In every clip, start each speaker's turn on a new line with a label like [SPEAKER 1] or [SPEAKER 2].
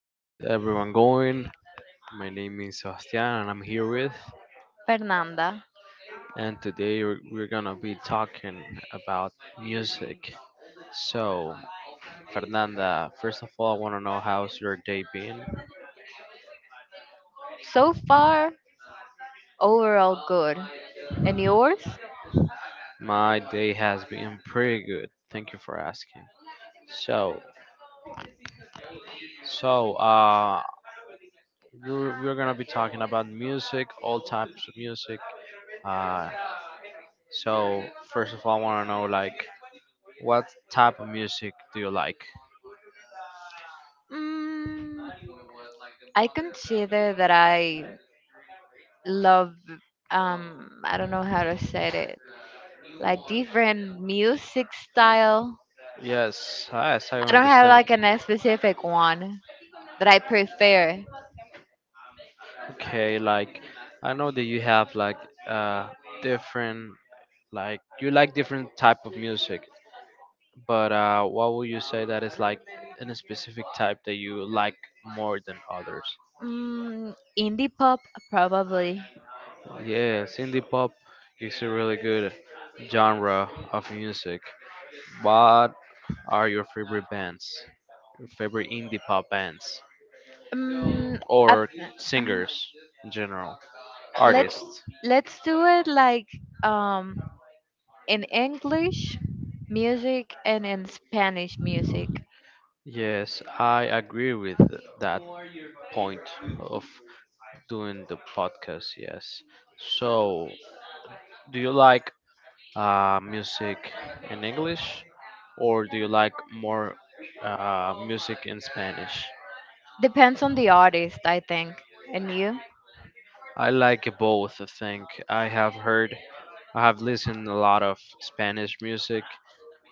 [SPEAKER 1] How's everyone going? My name is Sebastian and I'm here with,
[SPEAKER 2] Fernanda.
[SPEAKER 1] and today we're gonna be talking about music. So, Fernanda, first of all, I wanna know how your day?
[SPEAKER 2] So far, overall good. And yours?
[SPEAKER 1] My pretty good. Thank you for asking. So, some music. So, I wanna know like what music do you like?
[SPEAKER 2] Mm, I consider that I love, I don't know how to say it, like different music style.
[SPEAKER 1] Yes, I
[SPEAKER 2] I don't have
[SPEAKER 1] understand.
[SPEAKER 2] like a specific one that I prefer.
[SPEAKER 1] Okay, like I know that you have like uh different Like you like different type of music, but what would you say that is like in a specific type that you like more than others?
[SPEAKER 2] Indie pop, probably.
[SPEAKER 1] Yeah, indie pop is a really good genre of music. What are your favorite bands? Your favorite indie pop bands
[SPEAKER 2] Mm, I- uh,
[SPEAKER 1] or singers in general,
[SPEAKER 2] let's
[SPEAKER 1] artists?
[SPEAKER 2] let's do it like um in English music and in Spanish music.
[SPEAKER 1] Yes, I agree with that point of doing the podcast. Yes. So, do you like music in English, or do you like more music in Spanish?
[SPEAKER 2] Depends on the artist, I think. And you?
[SPEAKER 1] I like both, I think. I have heard, I have listened a lot of Spanish music,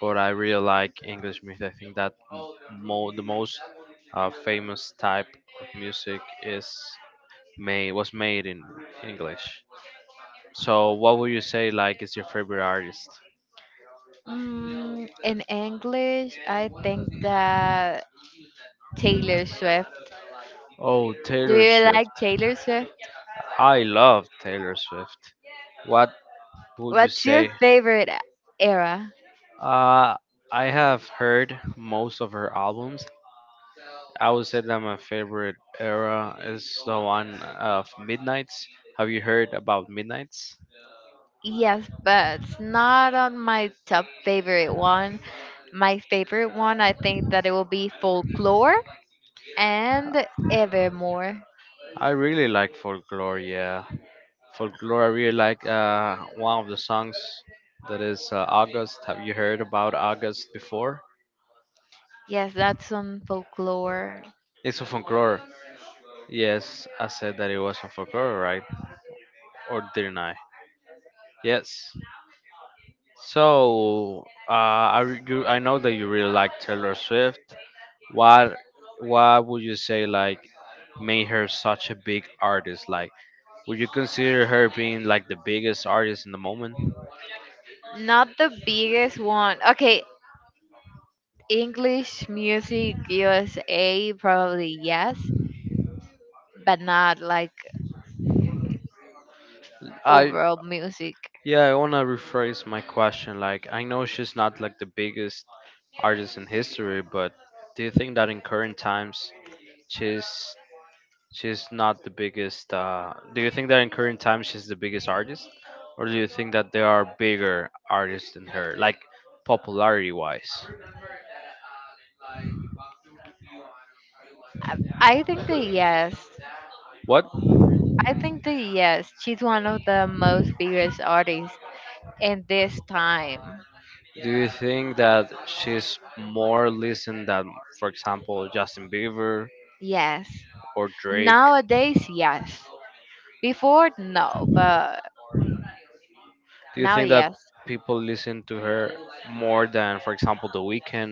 [SPEAKER 1] but I really like English music. I think that the most famous type is made was made in English. So, what would you say like is your favorite artist?
[SPEAKER 2] In English, I think that Taylor Swift. Do you
[SPEAKER 1] Swift.
[SPEAKER 2] like Taylor Swift?
[SPEAKER 1] I love Taylor Swift. Would
[SPEAKER 2] What's your favorite era?
[SPEAKER 1] Uh, I have heard most of her albums. I would say that my favorite era about Midnight's.
[SPEAKER 2] Yes, but it's not on my top favorite one. My favorite one, I think that it will be Folklore and Evermore.
[SPEAKER 1] I really like Folklore, yeah. Folklore, I really like one of the songs about Act 4.
[SPEAKER 2] Yes, that's on Folklore.
[SPEAKER 1] It's a fun. Yes, didn't I? Yes. So, why would you say, like, made her such a big artist? Like, consider her being, like, the biggest artist in the moment?
[SPEAKER 2] Not the biggest one. Okay, English music USA probably, yes, but not like
[SPEAKER 1] I
[SPEAKER 2] overall music.
[SPEAKER 1] Yeah, I want to rephrase my question. Like, I know she's not like the biggest artist in history, but do you think that in current times she's she's not the biggest? Do you think that in current times she's the biggest artist, or do you think that there are bigger artists than her, like popularity-wise?
[SPEAKER 2] I, I think the yes. I think the yes. She's one of the most biggest artists in this time.
[SPEAKER 1] Think that more listen than, for example, Justin Bieber
[SPEAKER 2] Yes.
[SPEAKER 1] or Drake?
[SPEAKER 2] Nowadays, yes. Before, no, but
[SPEAKER 1] Do you
[SPEAKER 2] now,
[SPEAKER 1] think that
[SPEAKER 2] yes.
[SPEAKER 1] people listen to her more than, for example, The Weeknd?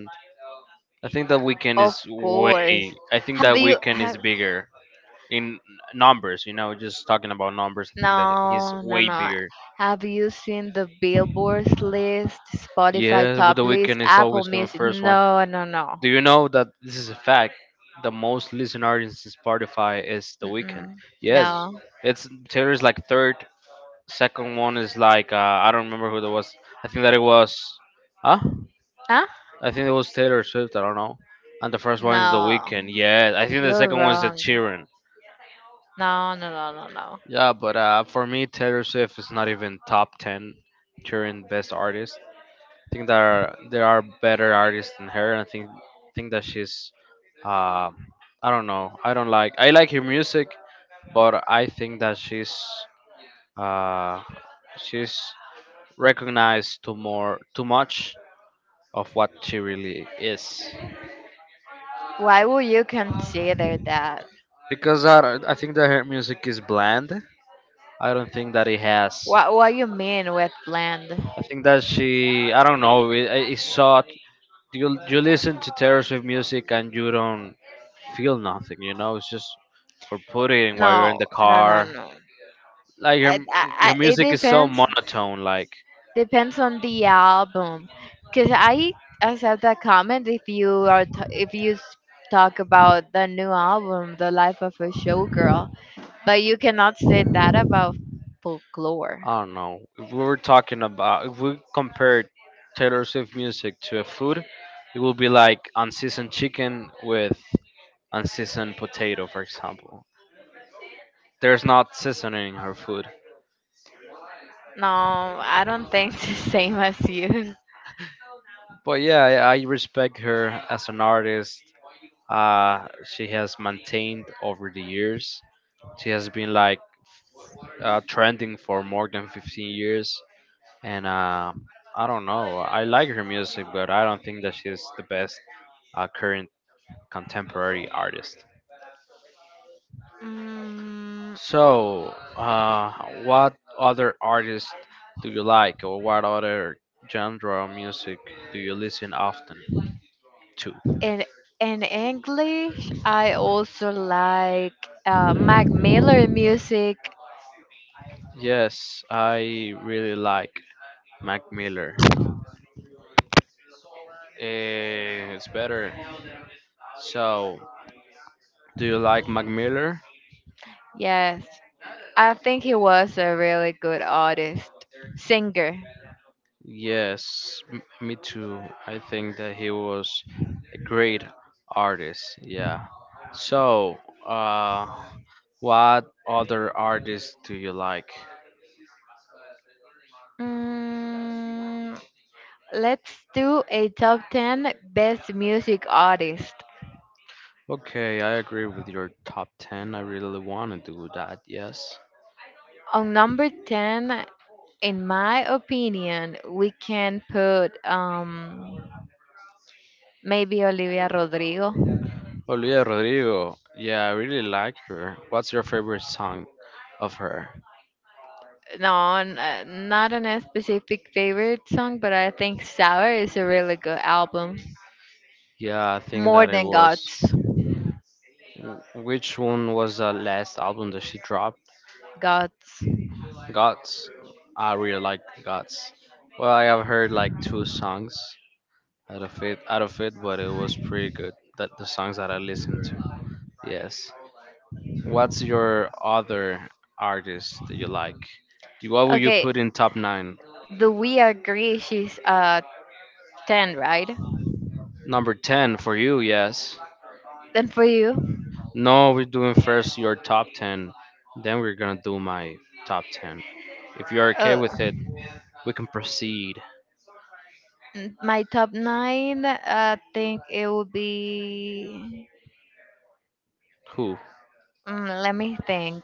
[SPEAKER 1] I think that weekend
[SPEAKER 2] Of
[SPEAKER 1] is way.
[SPEAKER 2] course.
[SPEAKER 1] I think
[SPEAKER 2] Have
[SPEAKER 1] that
[SPEAKER 2] you
[SPEAKER 1] weekend is
[SPEAKER 2] have
[SPEAKER 1] bigger in numbers. You know, just talking about numbers, I think that he's
[SPEAKER 2] No, no,
[SPEAKER 1] way
[SPEAKER 2] no.
[SPEAKER 1] bigger.
[SPEAKER 2] Have you seen the Billboard's list, Spotify
[SPEAKER 1] Yeah, with
[SPEAKER 2] top
[SPEAKER 1] the
[SPEAKER 2] list,
[SPEAKER 1] weekend is
[SPEAKER 2] Apple
[SPEAKER 1] always the
[SPEAKER 2] Music?
[SPEAKER 1] first one.
[SPEAKER 2] No, no, no.
[SPEAKER 1] Do you know that this is a fact? The most listened artist in Spotify is the weekend.
[SPEAKER 2] Mm-mm.
[SPEAKER 1] Yes,
[SPEAKER 2] No.
[SPEAKER 1] it's Taylor is like third. Second one is like I don't remember who that was. I think that it was, huh?
[SPEAKER 2] Huh?
[SPEAKER 1] I think it was Taylor Swift. I don't know. And the first one is the
[SPEAKER 2] No.
[SPEAKER 1] weekend. Yeah, I think the
[SPEAKER 2] You're
[SPEAKER 1] second one is the
[SPEAKER 2] wrong.
[SPEAKER 1] Sheeran.
[SPEAKER 2] No, no, no, no, no.
[SPEAKER 1] Yeah, but for me, Taylor Swift is not even top ten current best artist. I think there are better artists than her, and I think that she's. Uh, I don't know. I don't like. I like her music, but I think that uh, she's recognized too much of what she really is.
[SPEAKER 2] Why would you consider that?
[SPEAKER 1] Because I don't- I think that her music is bland. I don't think that it has.
[SPEAKER 2] What you mean with bland?
[SPEAKER 1] I think that she, I don't know, it's so you listen to Taylor Swift music and you don't feel nothing. You know, it's just for putting while you're in
[SPEAKER 2] No,
[SPEAKER 1] the
[SPEAKER 2] no, no,
[SPEAKER 1] car.
[SPEAKER 2] no.
[SPEAKER 1] Like
[SPEAKER 2] I, I,
[SPEAKER 1] your
[SPEAKER 2] I, it
[SPEAKER 1] music is so
[SPEAKER 2] depends.
[SPEAKER 1] monotone. Like
[SPEAKER 2] Depends on the album, because I accept that comment if you talk about the new album, The Life of a Showgirl, but you cannot say that about folklore.
[SPEAKER 1] I don't know. If we were talking about if we compared Taylor Swift music to a food, it would be like unseasoned chicken with unseasoned potato, for example. There's not seasoning her food.
[SPEAKER 2] No, I don't think the same as you.
[SPEAKER 1] But yeah, I respect her as an artist. She has maintained over the years She has been like trending for more than 15 years, and I don't know. I like her music, but I don't think that she's the best current contemporary artist.
[SPEAKER 2] Mm,
[SPEAKER 1] So, what other artist do you like, or what other genre of music do you listen often to?
[SPEAKER 2] in in English, I also like Mac Miller music.
[SPEAKER 1] Yes, I really like Mac Miller. Eh, it's better. So, do you like Mac Miller?
[SPEAKER 2] Yes, I think he was a really good artist, singer.
[SPEAKER 1] Yes, me too. I think that he was a great artist. Yeah. So, uh, what other artists do you like?
[SPEAKER 2] Mm, let's do a top 10 best music artist.
[SPEAKER 1] Okay, I agree with your top 10. I really want to do that. Yes.
[SPEAKER 2] On number 10, in my opinion, we can put maybe Olivia Rodrigo.
[SPEAKER 1] Olivia Rodrigo. Yeah, I really like her. What's your favorite song of her?
[SPEAKER 2] No, not on a specific favorite song, but I think Sour is a really good album.
[SPEAKER 1] Yeah, I think
[SPEAKER 2] More
[SPEAKER 1] that it
[SPEAKER 2] than
[SPEAKER 1] was.
[SPEAKER 2] Gods.
[SPEAKER 1] Which one was the last album that she dropped?
[SPEAKER 2] Gods.
[SPEAKER 1] Uh, I really like Guts. Well, I have heard like two songs out of it, but it was pretty good that the songs that I listened to. Yes, what's your other artist that you like? What would you
[SPEAKER 2] Okay,
[SPEAKER 1] put in top nine?
[SPEAKER 2] do we agree she's 10, right?
[SPEAKER 1] Number 10 for you? Yes,
[SPEAKER 2] Then for you?
[SPEAKER 1] no, we're doing then we're gonna do my top 10 if you're okay
[SPEAKER 2] Oh.
[SPEAKER 1] with it, can proceed.
[SPEAKER 2] My top nine, I think it would be.
[SPEAKER 1] Who
[SPEAKER 2] Let me think.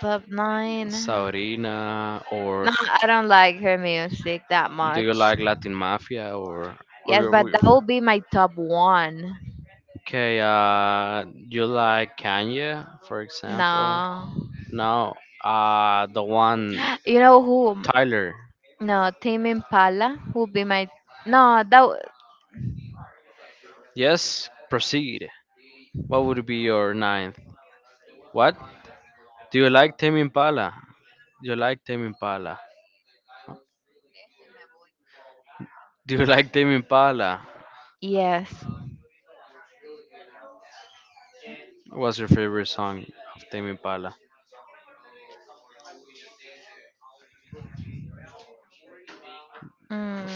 [SPEAKER 2] Top nine.
[SPEAKER 1] saurina?
[SPEAKER 2] No, I don't like her music that
[SPEAKER 1] Do
[SPEAKER 2] much.
[SPEAKER 1] you like latin mafia or?
[SPEAKER 2] Yes, but that would be my top one.
[SPEAKER 1] Okay, you like kanye for example?
[SPEAKER 2] No.
[SPEAKER 1] No, the one
[SPEAKER 2] You know who?
[SPEAKER 1] Tyler.
[SPEAKER 2] No, Tame Impala would be my. No, that.
[SPEAKER 1] Yes, proceed. What would be your ninth? What? Do you like Tame Impala? Do you like Tame Impala? Do you like Tame Impala?
[SPEAKER 2] Yes.
[SPEAKER 1] What's your favorite song of Tame Impala?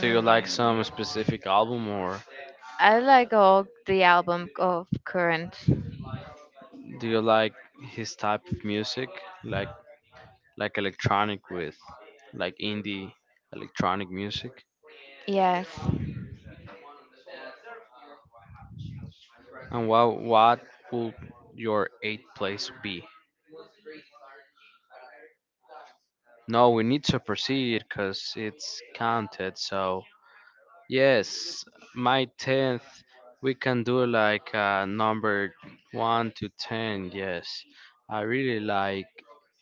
[SPEAKER 1] Do you like some specific album or
[SPEAKER 2] I like all the album of current.
[SPEAKER 1] do you like his type of music? Like like electronic with like indie electronic music?
[SPEAKER 2] Yes.
[SPEAKER 1] And what will your eighth place be? No, we need to proceed because it's counted, so Yes, my 10th, we can do like number 1 to 10. Yes, I really like,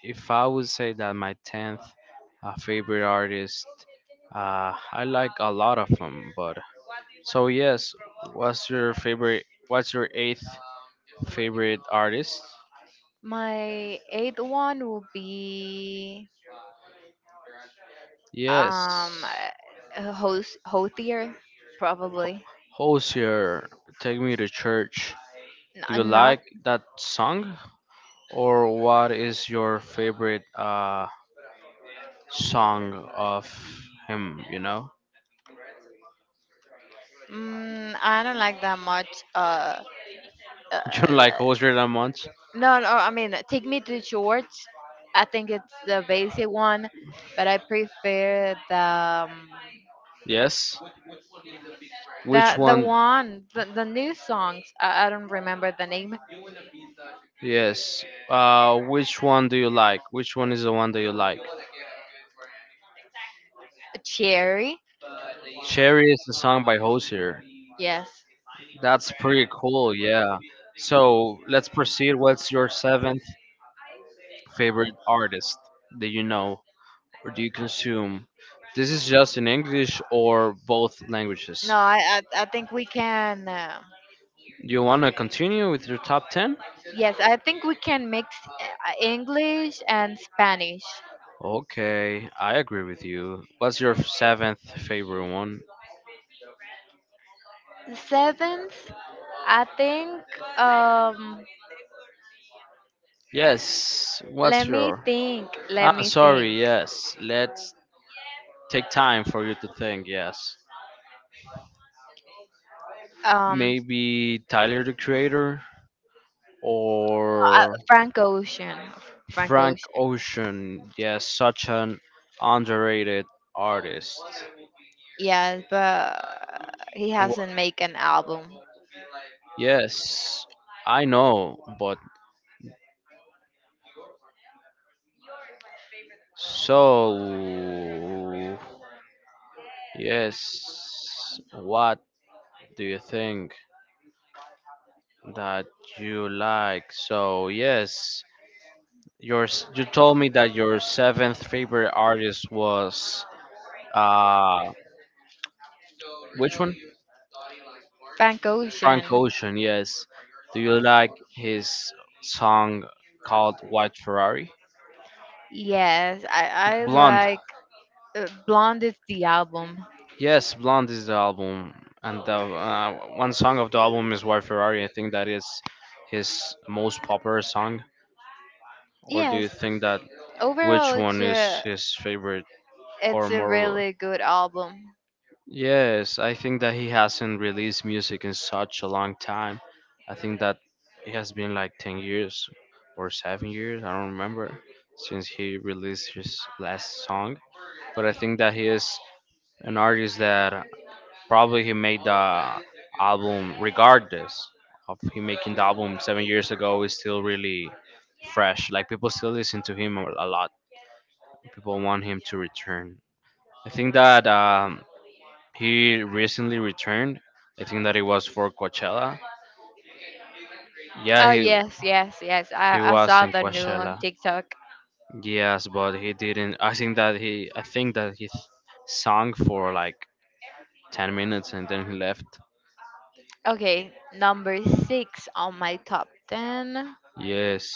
[SPEAKER 1] if I would say that my 10th favorite artist, I like a lot of them. But so, yes, what's your favorite? What's your 8th? Yes, Hosier, Take Me to Church. Do you like that song? Or what is your favorite song of him, you know? You like Jose a? Yes. Which one? Yes. One do you like? Which one is the one that you like? Cherry is it's pretty cool. Yeah. So let's proceed. What's your seventh favorite artist that you know or do you consume? This is just in English or both languages. Do you want to continue with your top ten? Okay, I agree with you. What's your seventh favorite one? Yes, what's your? I'm sorry. Yes, let's take time for you to think. Yes, maybe Tyler the Creator or Frank Ocean. Yes, such an underrated artist. Wha- Yes, I know, but so yes, what do you think that you like? So yes, You told me that your seventh favorite artist was uh which one?
[SPEAKER 2] Frank
[SPEAKER 1] Frank
[SPEAKER 2] Ocean.
[SPEAKER 1] Ocean. Yes. Do you like his song called White Ferrari?
[SPEAKER 2] Yes, I
[SPEAKER 1] Blonde.
[SPEAKER 2] like Blonde is the album.
[SPEAKER 1] Yes, Blonde is the album, and the, one song of the album is White Ferrari. I think that is his most popular song. Or do
[SPEAKER 2] Yes,
[SPEAKER 1] you think that
[SPEAKER 2] overall
[SPEAKER 1] which
[SPEAKER 2] it's
[SPEAKER 1] one is
[SPEAKER 2] a,
[SPEAKER 1] his favorite or
[SPEAKER 2] it's a
[SPEAKER 1] more?
[SPEAKER 2] really good album.
[SPEAKER 1] Yes, I think that he hasn't released music in such a long time. I think that it has been like 10 years or 7 years, I don't remember, since he released his last song. But I think that he is an artist that probably he made the album regardless of him making the album 7 years ago is still really fresh. Like people still listen to him a lot. People want him to return. I think that he recently returned. I think that it was for Coachella. Yeah,
[SPEAKER 2] Oh,
[SPEAKER 1] he
[SPEAKER 2] yes, yes, yes. I saw the new on TikTok.
[SPEAKER 1] yes, but he didn't. I think that he I think that he sung for like left.
[SPEAKER 2] Okay, number six on my top 10.
[SPEAKER 1] Yes,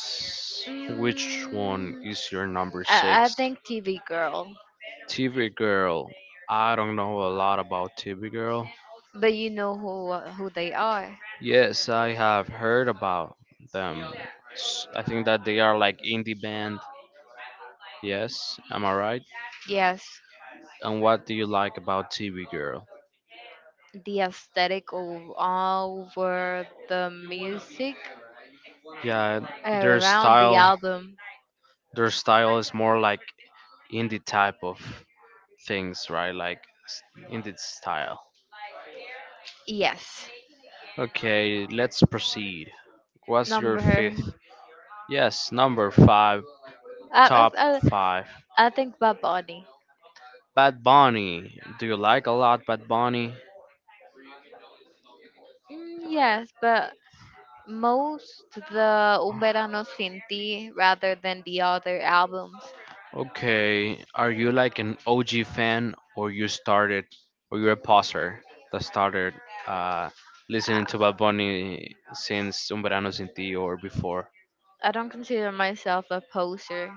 [SPEAKER 2] Mm,
[SPEAKER 1] your number
[SPEAKER 2] I think TV Girl,
[SPEAKER 1] TV girl. I don't know a lot about TV girl
[SPEAKER 2] but you know who they are.
[SPEAKER 1] about them that they are like indie band. Yes,
[SPEAKER 2] Yes,
[SPEAKER 1] and what about TV?
[SPEAKER 2] the aesthetic all over the music
[SPEAKER 1] Their
[SPEAKER 2] around the
[SPEAKER 1] style,
[SPEAKER 2] album.
[SPEAKER 1] their style, more like things right like s- indie style.
[SPEAKER 2] Yes.
[SPEAKER 1] Okay, let's proceed. What's your
[SPEAKER 2] Number.
[SPEAKER 1] fifth? Yes, number five.
[SPEAKER 2] I,
[SPEAKER 1] Top
[SPEAKER 2] I, I
[SPEAKER 1] 5.
[SPEAKER 2] I think Bad Bunny.
[SPEAKER 1] Bad Bunny. Do you like a lot Bad Bunny?
[SPEAKER 2] Mm, yes, but most the Un Verano Sin Ti rather than the other albums.
[SPEAKER 1] Okay, are you like an OG fan or you started or you're a poser? Uh,
[SPEAKER 2] I,
[SPEAKER 1] listening to Bad Bunny since Un Verano Sin Ti or before.
[SPEAKER 2] I don't consider myself a poser,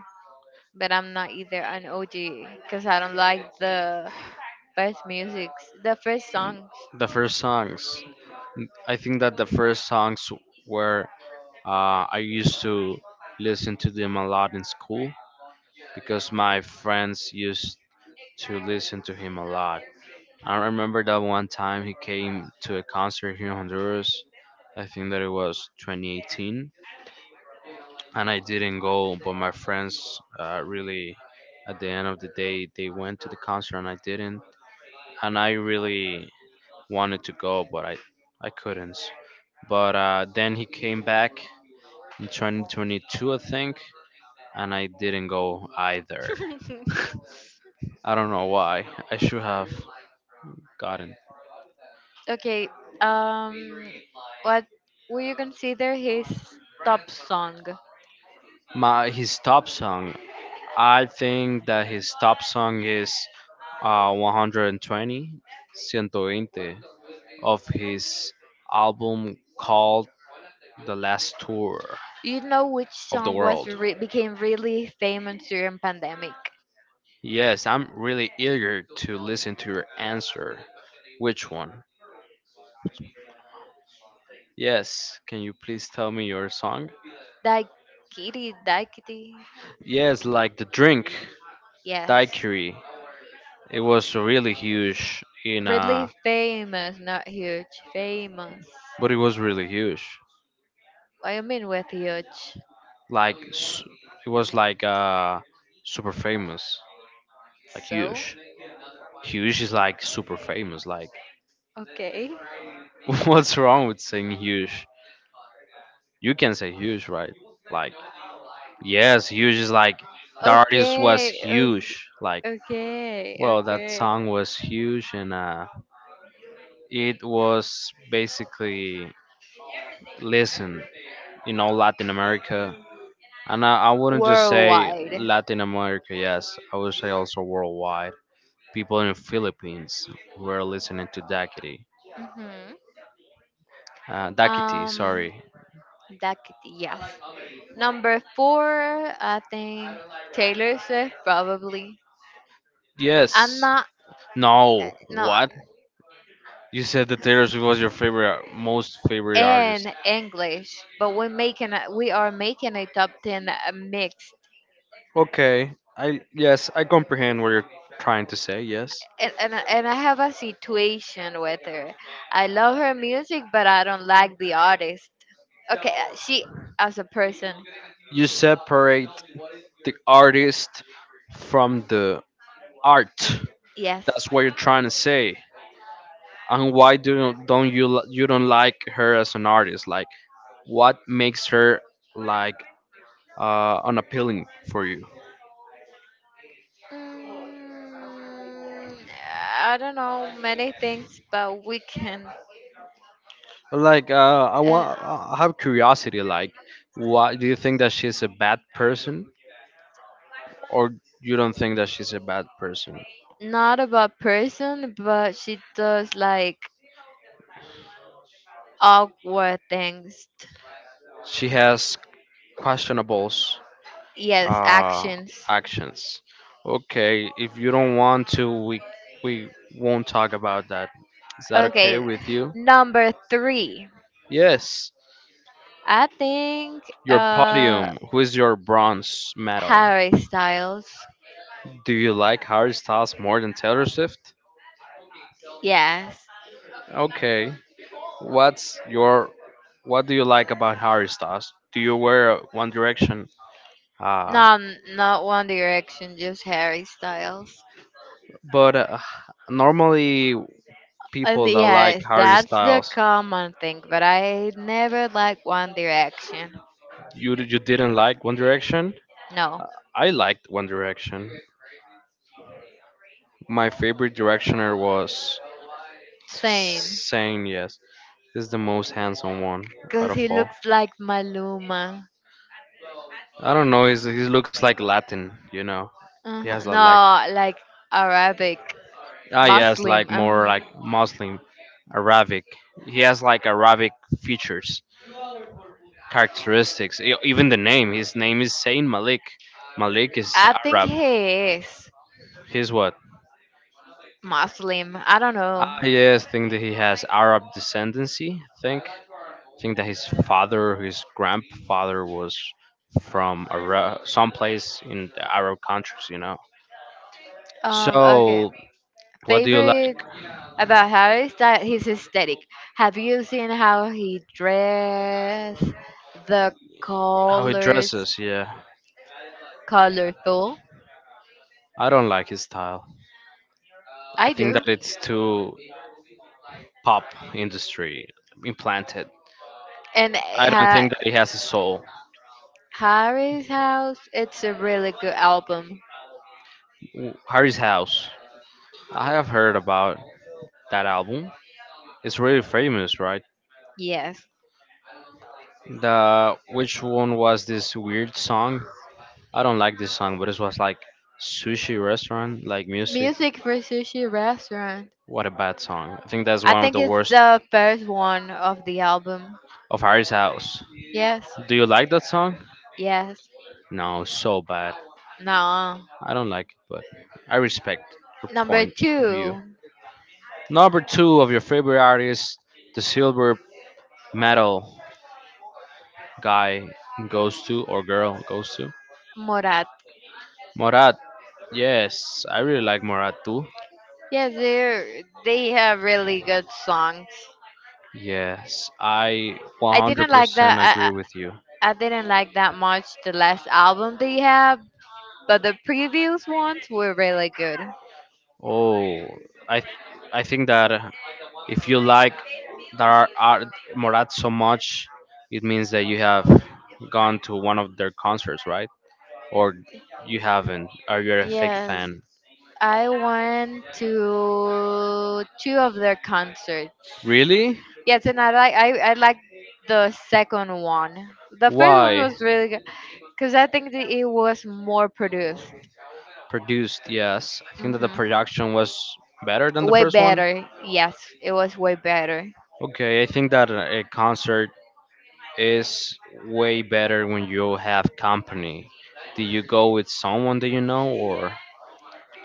[SPEAKER 2] but I'm not either an OG because I don't like the first musics, the first songs.
[SPEAKER 1] First song, I think first songs I used listen to them a lot in school because my friends used to listen to him a lot. I remember that one time he came to a concert here in Honduras. I think that it was 2018 and I didn't go. But my friends, really, at the end of the day, they went to the concert and I didn't. And I really wanted to go, but I couldn't. But then he came in 2022, I think, and I didn't go either. I don't know why. Should have gotten
[SPEAKER 2] Okay, um, what would you consider his top song?
[SPEAKER 1] my his top song. I think that his top song is 120, Ciento Veinte. Of his album called The Last Tour
[SPEAKER 2] You know which
[SPEAKER 1] of the
[SPEAKER 2] song was
[SPEAKER 1] World.
[SPEAKER 2] re- became really famous during pandemic?
[SPEAKER 1] Yes, I'm really eager. Which one? Yes, can you please tell me your song?
[SPEAKER 2] Die Kitty, Die Kitty.
[SPEAKER 1] Yes, like the drink,
[SPEAKER 2] Yes,
[SPEAKER 1] Daiquiri. It was really huge in
[SPEAKER 2] really famous, not huge, famous.
[SPEAKER 1] but it was really huge.
[SPEAKER 2] What do you mean with huge?
[SPEAKER 1] Like it was like super famous. Like
[SPEAKER 2] So,
[SPEAKER 1] huge. Huge is like super famous. Like
[SPEAKER 2] okay.
[SPEAKER 1] what's wrong with saying huge? You can say huge, right? Like yes, huge is like the
[SPEAKER 2] Like,
[SPEAKER 1] artist was
[SPEAKER 2] okay, okay,
[SPEAKER 1] huge. Like,
[SPEAKER 2] like, okay,
[SPEAKER 1] well, that
[SPEAKER 2] okay.
[SPEAKER 1] song was huge, and it was basically listened in all Latin America. And I wouldn't just say
[SPEAKER 2] Worldwide.
[SPEAKER 1] Latin America. Yes, I would say also worldwide. People in the Philippines were listening to Dakiti.
[SPEAKER 2] Hmm.
[SPEAKER 1] Dakiti,
[SPEAKER 2] Um,
[SPEAKER 1] sorry.
[SPEAKER 2] yes. Number four, I think Taylor Swift probably. I'm
[SPEAKER 1] Yes.
[SPEAKER 2] not uh,
[SPEAKER 1] No.
[SPEAKER 2] no
[SPEAKER 1] You said that Taylor Swift was your favorite, most favorite artist.
[SPEAKER 2] in English, but we are making a top 10 mix,
[SPEAKER 1] I yes, I comprehend what you're trying to say. Yes.
[SPEAKER 2] and I have a situation with her. I love her music, but I don't like the artist. Okay, she as a person.
[SPEAKER 1] Artist from the art.
[SPEAKER 2] Yes.
[SPEAKER 1] That's what you're trying to say. And why do you, don't you li- you don't like her as an artist? Like, what makes her like unappealing for you?
[SPEAKER 2] Mm, I don't know many things, but we can.
[SPEAKER 1] Like, I
[SPEAKER 2] Uh,
[SPEAKER 1] want I have curiosity. Like, what do you think that she's a bad person? You don't think that
[SPEAKER 2] Not about person, but she does like awkward things.
[SPEAKER 1] she has questionable
[SPEAKER 2] Yes,
[SPEAKER 1] uh,
[SPEAKER 2] actions.
[SPEAKER 1] actions? Okay, if you don't want to, we won't talk about that. Is that okay
[SPEAKER 2] Okay,
[SPEAKER 1] with you?
[SPEAKER 2] number three.
[SPEAKER 1] Yes.
[SPEAKER 2] I think
[SPEAKER 1] Your
[SPEAKER 2] uh
[SPEAKER 1] podium. Who is your bronze medal?
[SPEAKER 2] Harry Styles.
[SPEAKER 1] Do you like Harry Styles more than Taylor Swift?
[SPEAKER 2] Yes.
[SPEAKER 1] Okay. What's your what do you like about Harry Styles? Do you wear One Direction? Ah,
[SPEAKER 2] Not not One Direction, just Harry Styles.
[SPEAKER 1] but normally
[SPEAKER 2] And
[SPEAKER 1] people that like
[SPEAKER 2] yes,
[SPEAKER 1] Harry
[SPEAKER 2] that's the
[SPEAKER 1] Styles,
[SPEAKER 2] common thing, but I never like One Direction.
[SPEAKER 1] you didn't like One Direction.
[SPEAKER 2] No.
[SPEAKER 1] I liked One Direction. My favorite directioner was
[SPEAKER 2] Same.
[SPEAKER 1] Saying Yes. He's the most handsome one out
[SPEAKER 2] Cause he
[SPEAKER 1] of all.
[SPEAKER 2] looks like Maluma.
[SPEAKER 1] I don't know. He's, he looks like Latin, you know. He has like
[SPEAKER 2] No, like Arabic.
[SPEAKER 1] ah yes, like
[SPEAKER 2] Muslim.
[SPEAKER 1] more like Muslim, Arabic. He has like Arabic features, characteristics. E- Even the name. His name is Saint Malik. Malik is
[SPEAKER 2] I think
[SPEAKER 1] Arab.
[SPEAKER 2] he is.
[SPEAKER 1] He's what?
[SPEAKER 2] Muslim. I don't
[SPEAKER 1] Ah
[SPEAKER 2] know.
[SPEAKER 1] yes, think that he had Arab descendancy. Think that his father, his grandfather was from Ara- someplace Arab countries. You know. So
[SPEAKER 2] Okay.
[SPEAKER 1] do you
[SPEAKER 2] Favorite
[SPEAKER 1] like
[SPEAKER 2] about Harris that his aesthetic. Have you seen how he dress? The colors,
[SPEAKER 1] dresses, yeah.
[SPEAKER 2] colorful.
[SPEAKER 1] I don't like his style.
[SPEAKER 2] I
[SPEAKER 1] Think that
[SPEAKER 2] do.
[SPEAKER 1] it industry implanted.
[SPEAKER 2] And
[SPEAKER 1] I don't
[SPEAKER 2] ha-
[SPEAKER 1] think that he has a soul.
[SPEAKER 2] Harry's House, it's a really good album.
[SPEAKER 1] W- Harry's House. I have heard about that album. It's really famous, right?
[SPEAKER 2] Yes.
[SPEAKER 1] The which one was this weird song? I don't like this song, but it was like sushi restaurant, like music.
[SPEAKER 2] Music for sushi restaurant.
[SPEAKER 1] What about
[SPEAKER 2] I think it's the first one of the album.
[SPEAKER 1] of Harry's House?
[SPEAKER 2] Yes.
[SPEAKER 1] Do you like that song?
[SPEAKER 2] Yes.
[SPEAKER 1] No, so bad.
[SPEAKER 2] No.
[SPEAKER 1] I don't like it, but I respect your
[SPEAKER 2] Number
[SPEAKER 1] point of view.
[SPEAKER 2] two,
[SPEAKER 1] Number two of your favorite artist, the silver medal guy goes to or girl goes to.
[SPEAKER 2] Morat.
[SPEAKER 1] Morat, yes, I really like Morat too.
[SPEAKER 2] Yes, they have really good songs. I didn't like that. I,
[SPEAKER 1] Agree with you.
[SPEAKER 2] I I didn't like that much the last album they have, but the previous ones were really good.
[SPEAKER 1] Oh, I think that Morat so much, it means that you have gone to one of their concerts, right? Or you haven't. You're a fake
[SPEAKER 2] Yes,
[SPEAKER 1] fan.
[SPEAKER 2] I went to two of their concerts.
[SPEAKER 1] Really?
[SPEAKER 2] Yes, and I like the second one. The first one
[SPEAKER 1] Why?
[SPEAKER 2] was really good because I think that it was more produced,
[SPEAKER 1] Produced, yes. I think that the
[SPEAKER 2] hmm
[SPEAKER 1] production was better than the
[SPEAKER 2] way
[SPEAKER 1] first one.
[SPEAKER 2] better. Yes, it was way better.
[SPEAKER 1] Okay, I think that a concert it's way better when you have company. Do you go with someone that you know, or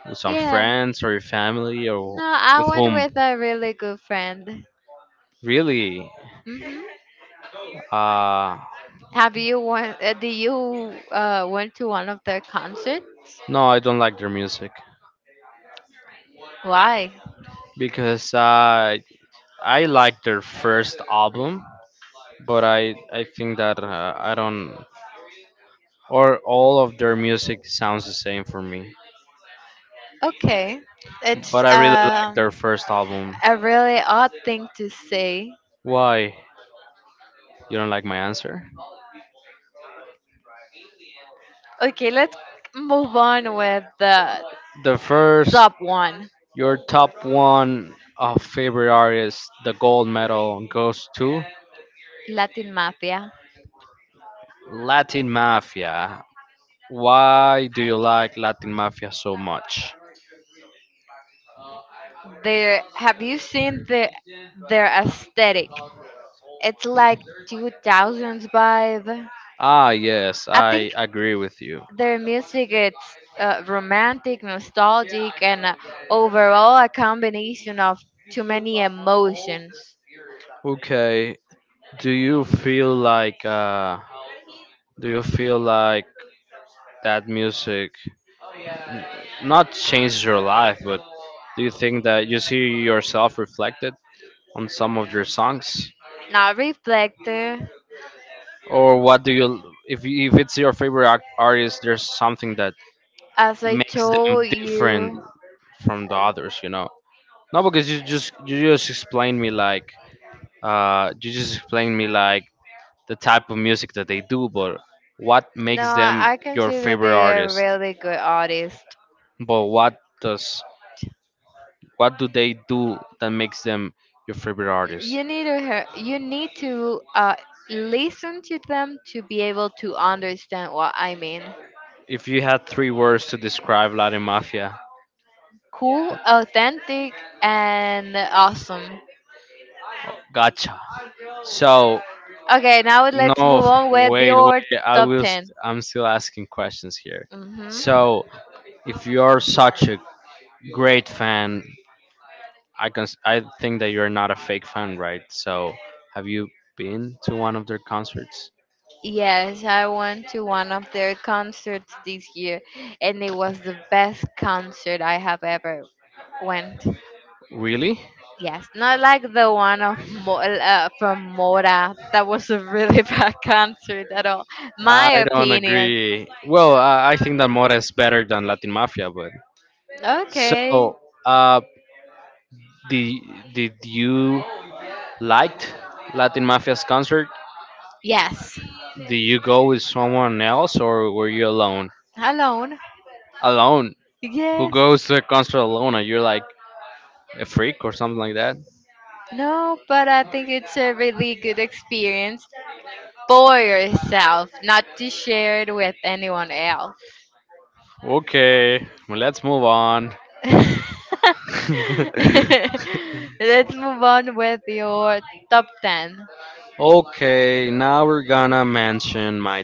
[SPEAKER 1] with some
[SPEAKER 2] Yeah.
[SPEAKER 1] friends, or your family, or
[SPEAKER 2] No, I
[SPEAKER 1] with
[SPEAKER 2] went
[SPEAKER 1] whom?
[SPEAKER 2] with a really good friend.
[SPEAKER 1] Really?
[SPEAKER 2] hmm
[SPEAKER 1] Uh,
[SPEAKER 2] Have you went? Do you went to one of their concerts?
[SPEAKER 1] no, I don't like their music
[SPEAKER 2] Why?
[SPEAKER 1] because I like their first album, but I think that I don't or all of their music sounds the same for me.
[SPEAKER 2] Okay, it's
[SPEAKER 1] But I really like their first album.
[SPEAKER 2] a really odd thing to say.
[SPEAKER 1] Why you don't like my answer?
[SPEAKER 2] Okay, let's move on with the
[SPEAKER 1] The first
[SPEAKER 2] top one,
[SPEAKER 1] your top one of favorite artists, the gold medal, goes
[SPEAKER 2] Latin Mafia.
[SPEAKER 1] Latin Mafia. Why do you like Latin Mafia so?
[SPEAKER 2] There, have you seen their aesthetic? It's like 2000s vibe.
[SPEAKER 1] Ah,
[SPEAKER 2] I think
[SPEAKER 1] I agree with you.
[SPEAKER 2] their music it's romantic, nostalgic, and overall a combination of too many emotions.
[SPEAKER 1] Okay, do you feel like do you feel like that music? Do you think that,
[SPEAKER 2] Now, Reflector,
[SPEAKER 1] or what do you, if it's your favorite artist,
[SPEAKER 2] as I
[SPEAKER 1] makes them
[SPEAKER 2] told
[SPEAKER 1] different
[SPEAKER 2] you,
[SPEAKER 1] from the
[SPEAKER 2] uh,
[SPEAKER 1] others? You know, no, because you just explained me like you just explained me like the type of music that they do, but what
[SPEAKER 2] no,
[SPEAKER 1] makes them
[SPEAKER 2] I can
[SPEAKER 1] your
[SPEAKER 2] see that
[SPEAKER 1] favorite
[SPEAKER 2] they are
[SPEAKER 1] artist?
[SPEAKER 2] really good artists.
[SPEAKER 1] But what does what do they do that makes them your favorite artist?
[SPEAKER 2] You need to hear. You need to listen to them to be able to understand what I mean.
[SPEAKER 1] If you had three words to describe Latin Mafia,
[SPEAKER 2] Cool, authentic, and awesome.
[SPEAKER 1] gotcha.
[SPEAKER 2] Okay, now let's
[SPEAKER 1] No,
[SPEAKER 2] move
[SPEAKER 1] f-
[SPEAKER 2] on with
[SPEAKER 1] wait, wait.
[SPEAKER 2] your
[SPEAKER 1] I
[SPEAKER 2] top
[SPEAKER 1] will.
[SPEAKER 2] 10.
[SPEAKER 1] St- I'm still asking questions here.
[SPEAKER 2] Hmm.
[SPEAKER 1] So, if you are such a great fan, I can. S- I think that you're not a fake fan, right? So, have you been to one of their concerts?
[SPEAKER 2] Yes, I went to one of their concerts this year, and it was the best concert I have ever went.
[SPEAKER 1] Really?
[SPEAKER 2] Yes, not like the one of from Mora. That was a really bad concert at all. My
[SPEAKER 1] I don't
[SPEAKER 2] opinion.
[SPEAKER 1] agree. Oh, I think that Mora is better than Latin Mafia. But
[SPEAKER 2] Okay.
[SPEAKER 1] so, uh, did did you liked Latin Mafia's concert?
[SPEAKER 2] Yes.
[SPEAKER 1] Did you go with someone else or were you alone?
[SPEAKER 2] Alone.
[SPEAKER 1] Alone. Who
[SPEAKER 2] Yes.
[SPEAKER 1] goes to a concert alone? Are you like or something like that?
[SPEAKER 2] No, but I think it's a really good experience for yourself, not to share it with anyone else.
[SPEAKER 1] Okay, well, let's move on.
[SPEAKER 2] Let's move on with your top 10.
[SPEAKER 1] Okay, now we're gonna mention my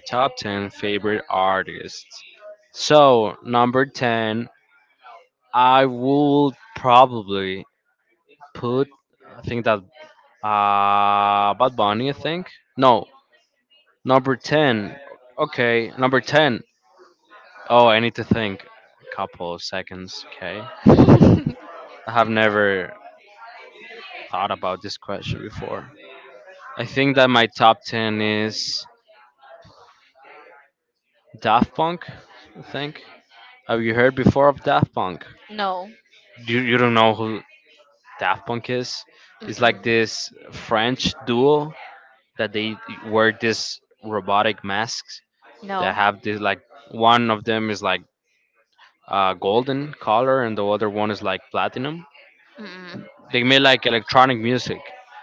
[SPEAKER 1] artists. So number ten, I will probably I think that Bad Bunny. I think no number ten. Okay, number ten. Oh, I need to think a couple of seconds. Okay, I have never thought about this question before. I think that my top ten is Daft Punk. I think. Have you heard before of Daft Punk?
[SPEAKER 2] No.
[SPEAKER 1] You don't know who Daft Punk is? It's like
[SPEAKER 2] Mm-mm.
[SPEAKER 1] this French duo that they wear these robotic masks that
[SPEAKER 2] No.
[SPEAKER 1] have this like one of them is like golden color and the other one is like platinum.
[SPEAKER 2] Mm-mm.
[SPEAKER 1] They made like electronic music,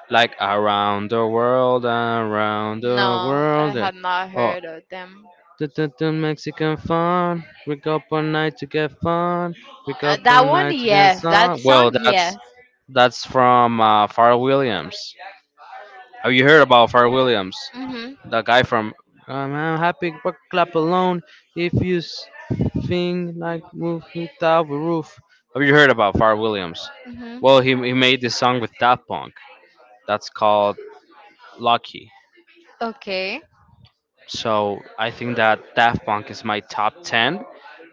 [SPEAKER 1] like around the world, around the
[SPEAKER 2] No, I
[SPEAKER 1] world.
[SPEAKER 2] have not
[SPEAKER 1] Oh,
[SPEAKER 2] heard of them.
[SPEAKER 1] the Mexican fun. Wake up all night to get fun. Wake up all
[SPEAKER 2] That one,
[SPEAKER 1] night to get
[SPEAKER 2] yes. That
[SPEAKER 1] sun. Well,
[SPEAKER 2] song,
[SPEAKER 1] that's
[SPEAKER 2] yes.
[SPEAKER 1] that's from Pharrell Williams. Have you heard about Pharrell Williams?
[SPEAKER 2] Mhm.
[SPEAKER 1] That guy from I'm happy but clap alone if you s- think like roof without a roof. Have you heard about Pharrell Williams?
[SPEAKER 2] Mhm.
[SPEAKER 1] Well, he made this song with Daft Punk that's called Lucky.
[SPEAKER 2] Okay.
[SPEAKER 1] So I think that Daft Punk is my top 10.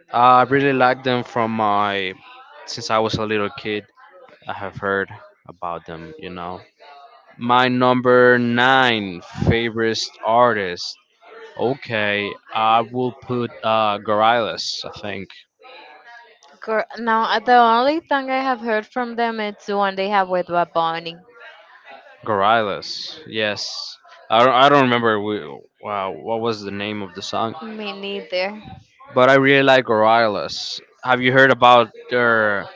[SPEAKER 1] I really like them from my since I was a little kid. I have heard about them, you know. My number nine favorite artist okay, I will put Gorillaz, I think.
[SPEAKER 2] Girl, now the only thing I have heard from them is the one they have with Bad Bunny.
[SPEAKER 1] Gorillaz. Yes. I don't remember we, wow, what was the name of the song,
[SPEAKER 2] Me neither.
[SPEAKER 1] but I really like Gorillaz. Have you heard about their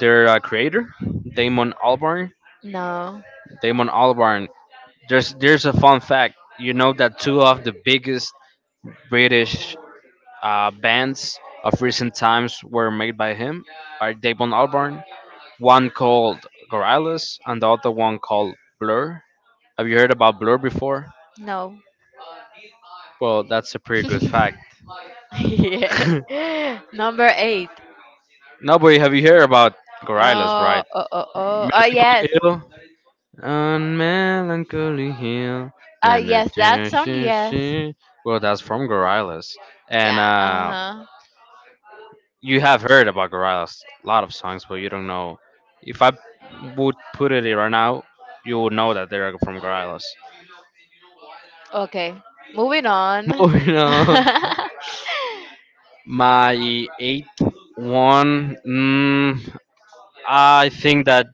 [SPEAKER 1] their creator, Damon Albarn?
[SPEAKER 2] No.
[SPEAKER 1] Damon Albarn. There's a fun fact. You know that two of the biggest British bands of recent times were made by him, by Damon Albarn one called Gorillaz and the other one called Blur. Have you heard about Blur before?
[SPEAKER 2] No.
[SPEAKER 1] Well, that's a pretty good fact.
[SPEAKER 2] Yeah. Number eight.
[SPEAKER 1] No, but have you heard about Gorillaz,
[SPEAKER 2] No.
[SPEAKER 1] right?
[SPEAKER 2] Oh, oh, oh. Oh,
[SPEAKER 1] Melancholy
[SPEAKER 2] yes.
[SPEAKER 1] Hill. On Melancholy Hill.
[SPEAKER 2] Oh,
[SPEAKER 1] Na, na,
[SPEAKER 2] yes. That
[SPEAKER 1] da,
[SPEAKER 2] song,
[SPEAKER 1] shi,
[SPEAKER 2] yes.
[SPEAKER 1] shi. Well, that's from Gorillaz. And
[SPEAKER 2] Yeah. Uh huh.
[SPEAKER 1] you have heard about Gorillaz, a lot of songs, but you don't know. If I would put it right now, you would know that they're from Gorillaz.
[SPEAKER 2] Okay. Moving on.
[SPEAKER 1] Moving on. My eighth one, mm, I think that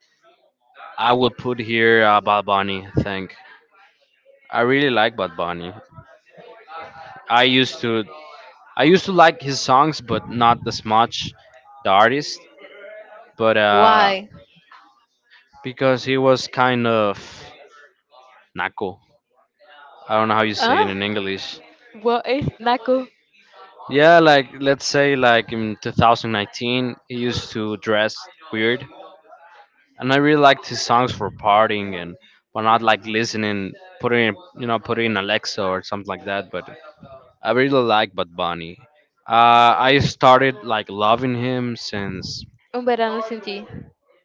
[SPEAKER 1] I would put here Bad Bunny. I think I really like Bad Bunny. I used to I used to like his songs, but not as much the artist. But
[SPEAKER 2] Why?
[SPEAKER 1] because he was kind of naco. I don't know how you say it
[SPEAKER 2] Huh?
[SPEAKER 1] in English.
[SPEAKER 2] What is Naku?
[SPEAKER 1] Yeah, like let's say like in 2019, he used to dress weird and I really liked his songs for partying and but not like listening, putting in, you know, putting in Alexa or something like that. But I really like Bad Bunny. I started like loving him since
[SPEAKER 2] Un verano sin ti.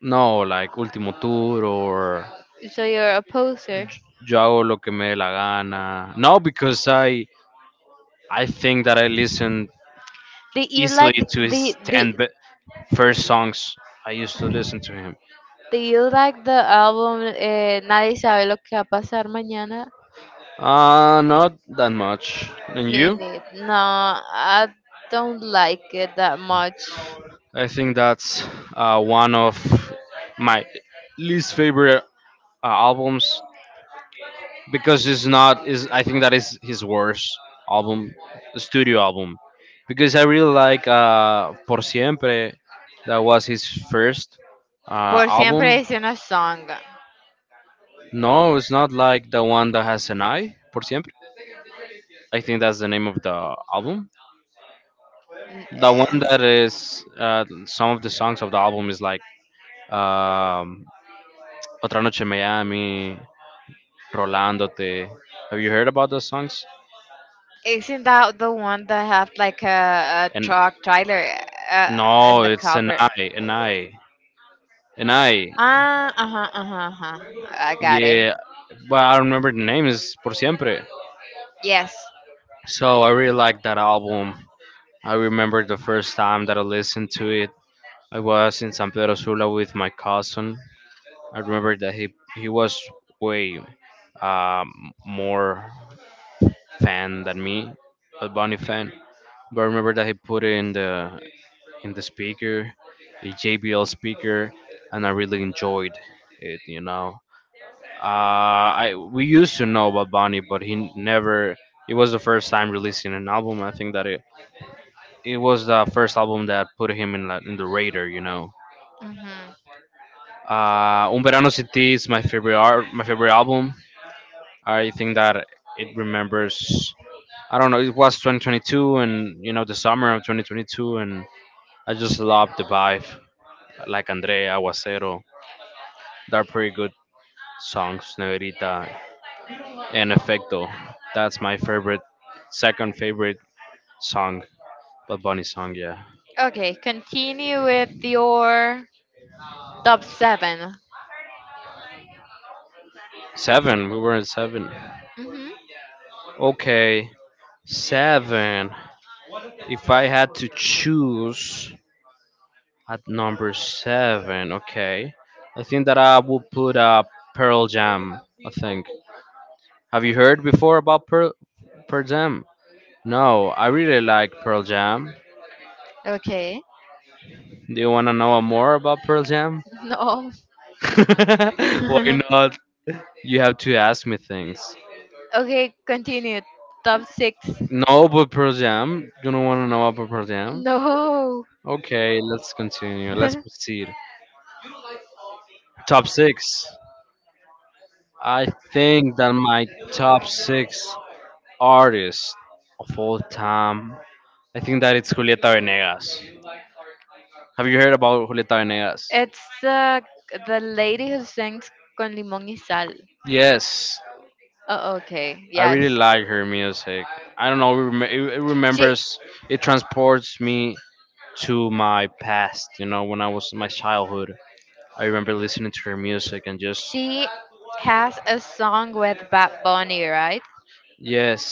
[SPEAKER 1] no, like Ultimo Tour or
[SPEAKER 2] So you're a poser.
[SPEAKER 1] J- Yo hago lo que me dé la gana. No, because I think that I listened
[SPEAKER 2] Did you
[SPEAKER 1] easily
[SPEAKER 2] like
[SPEAKER 1] to his
[SPEAKER 2] the
[SPEAKER 1] 10 be- first songs. I used to listen to him.
[SPEAKER 2] Do you like the album Nadie sabe lo que va a pasar mañana?
[SPEAKER 1] Not that much. And you?
[SPEAKER 2] Minute. No, I don't like it that much.
[SPEAKER 1] I think that's one of my least favorite albums because it's not is I think that is his worst album, studio album, because I really like Por Siempre, that was his first uh,
[SPEAKER 2] Por siempre
[SPEAKER 1] album.
[SPEAKER 2] es una song.
[SPEAKER 1] No, it's not like the one that has an eye, Por Siempre. I think that's the name of the album.
[SPEAKER 2] N-
[SPEAKER 1] The one that
[SPEAKER 2] eh,
[SPEAKER 1] is some of the songs of the album is like um, Otra Noche en Miami, Rolandote. Have you heard about those songs?
[SPEAKER 2] Isn't that the one that have like a
[SPEAKER 1] And
[SPEAKER 2] truck trailer uh, in
[SPEAKER 1] no,
[SPEAKER 2] the
[SPEAKER 1] it's an
[SPEAKER 2] cover?
[SPEAKER 1] I, an Enai, an Enai.
[SPEAKER 2] Ah, uh huh, uh huh, uh huh. I got it.
[SPEAKER 1] Yeah, but I remember the name is Por Siempre.
[SPEAKER 2] Yes.
[SPEAKER 1] So I really like that album. I remember the first time that I listened to it. I was in San Pedro Sula with my cousin. I remember that he was way more fan than me, a Bunny fan. But I remember that he put it in the speaker, a JBL speaker, and I really enjoyed it. You know, I we used to know about Bunny, but he never. It was the first time releasing an album. I think that it was the first album that put him in like, in the radar. You know,
[SPEAKER 2] Hmm.
[SPEAKER 1] Un Verano Sin Ti is my favorite art, my favorite album. I think that it remembers. I don't know. It was 2022, and you know the summer of 2022, and I just love the vibe. Like Andrea Aguacero, they're pretty good songs Neverita En Efecto. That's my favorite, second favorite song. But Bunny song, yeah.
[SPEAKER 2] Okay, continue with your top 7.
[SPEAKER 1] Seven. We were in seven.
[SPEAKER 2] Mhm.
[SPEAKER 1] Okay, seven. If I had to choose at number seven, okay, I think that I would put Pearl Jam. I think. Have you heard before about Pearl Jam? No, I really like Pearl Jam.
[SPEAKER 2] Okay.
[SPEAKER 1] Do you wanna know more about Pearl Jam?
[SPEAKER 2] No.
[SPEAKER 1] Why not? You have to ask me things.
[SPEAKER 2] Okay, continue. Top 6.
[SPEAKER 1] No, but Pearl Jam. You don't want to know about Pearl Jam?
[SPEAKER 2] No.
[SPEAKER 1] Okay, let's continue. Let's proceed. Top six. I think that my top six artists of all time. I think that it's Julieta Venegas. Have you heard about Julieta Venegas?
[SPEAKER 2] It's the lady who sings Con Limón y Sal.
[SPEAKER 1] Yes,
[SPEAKER 2] Oh, okay.
[SPEAKER 1] I really
[SPEAKER 2] Yes.
[SPEAKER 1] like her music. I don't know. It
[SPEAKER 2] She
[SPEAKER 1] remembers. It transports me to my past. You know, when I was my childhood. I remember listening to her music and just
[SPEAKER 2] She has a song with Bad Bunny, right?
[SPEAKER 1] yes.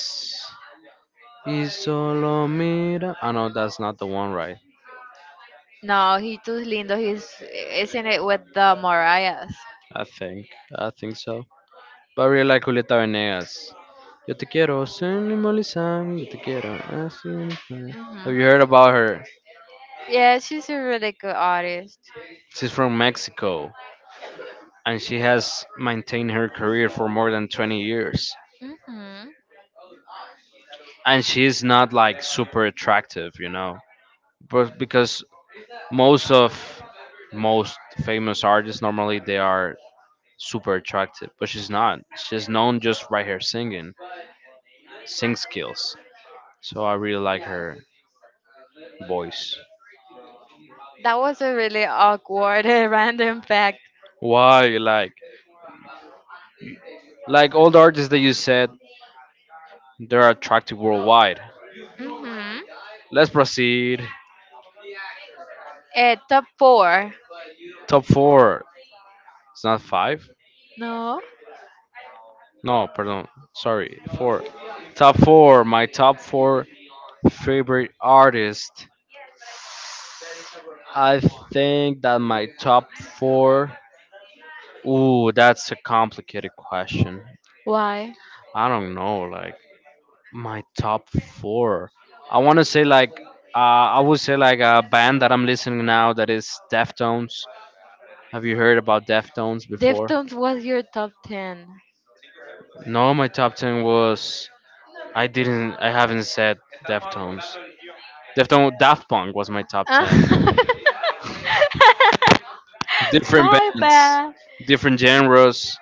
[SPEAKER 1] Y solo mira. I know that's not the one, right?
[SPEAKER 2] No, he too lindo. He's isn't it with the Mariahs?
[SPEAKER 1] I think. I think so. But I really like Julieta Venegas. Yo te quiero, sin limolizan, yo te quiero, así.
[SPEAKER 2] Hmm.
[SPEAKER 1] Have you heard about her?
[SPEAKER 2] Yeah, she's a really good artist.
[SPEAKER 1] She's from Mexico and she has maintained her career for more than 20 years.
[SPEAKER 2] hmm
[SPEAKER 1] And she's not like super attractive, But because most of most famous artists normally they are super attractive, but she's not. She's known just right here singing, sing skills. So I really like her voice.
[SPEAKER 2] That was a really awkward and random fact.
[SPEAKER 1] Why like all the artists that you said they're attractive worldwide.
[SPEAKER 2] Hmm.
[SPEAKER 1] Let's proceed.
[SPEAKER 2] Top four.
[SPEAKER 1] Top four. It's not five.
[SPEAKER 2] No,
[SPEAKER 1] No, pardon. Sorry, four. Top four. My top four favorite artists. I think that my top four. Ooh, that's a complicated question.
[SPEAKER 2] why?
[SPEAKER 1] I don't know, like my top four. I want to say like I would say like a band that I'm listening now that is Deftones. Have you heard about Deftones before?
[SPEAKER 2] Deftones was your top 10.
[SPEAKER 1] No, my top ten was I haven't said Deftones. Deftones Daft Punk was my top
[SPEAKER 2] Ah.
[SPEAKER 1] ten. Different
[SPEAKER 2] My
[SPEAKER 1] bands,
[SPEAKER 2] bad.
[SPEAKER 1] different genres.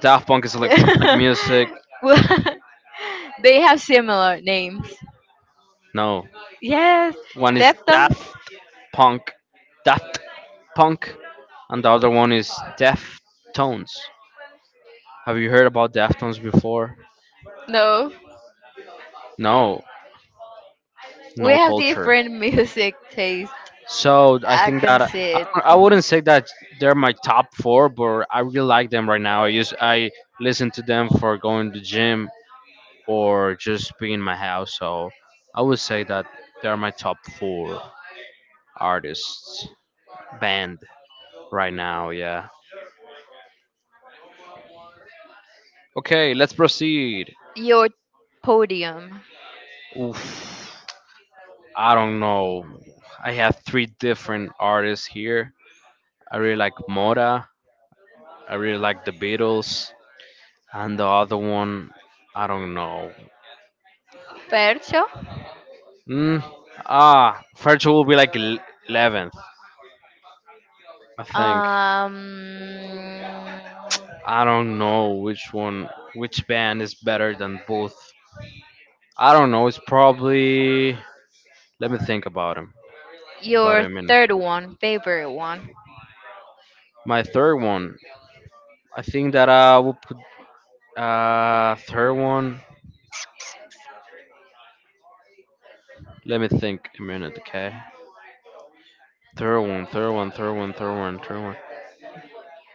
[SPEAKER 1] Daft Punk is electronic music.
[SPEAKER 2] Well, they have similar names.
[SPEAKER 1] No,
[SPEAKER 2] Yes,
[SPEAKER 1] one is
[SPEAKER 2] Deftones.
[SPEAKER 1] Daft Punk. Daft Punk and the other one is Deftones. Have you heard about Deftones before?
[SPEAKER 2] No,
[SPEAKER 1] No,
[SPEAKER 2] we
[SPEAKER 1] no
[SPEAKER 2] have
[SPEAKER 1] culture.
[SPEAKER 2] different music taste.
[SPEAKER 1] So I
[SPEAKER 2] I
[SPEAKER 1] think
[SPEAKER 2] can
[SPEAKER 1] that
[SPEAKER 2] see it.
[SPEAKER 1] I
[SPEAKER 2] Mhm.
[SPEAKER 1] wouldn't say that they're my top four, but I really like them right now. I listen to them for going to gym or just being in my house. So I would say that they're my top four artists band right now. Yeah. Okay, let's proceed.
[SPEAKER 2] Your podium,
[SPEAKER 1] Oof. I don't know. I have three different artists here. I really like Mora. I really like the Beatles, and the other one, I don't know.
[SPEAKER 2] Percho.
[SPEAKER 1] Mm, ah, Virtual will be like eleventh, I think.
[SPEAKER 2] Um,
[SPEAKER 1] I don't know which band is better than both. I don't know. It's probably. Let me think about him. About
[SPEAKER 2] your
[SPEAKER 1] a minute.
[SPEAKER 2] third one, favorite one.
[SPEAKER 1] My third one. I think that I will put third one. Let me think a minute, okay? Third one, third one, third one, third one, third one.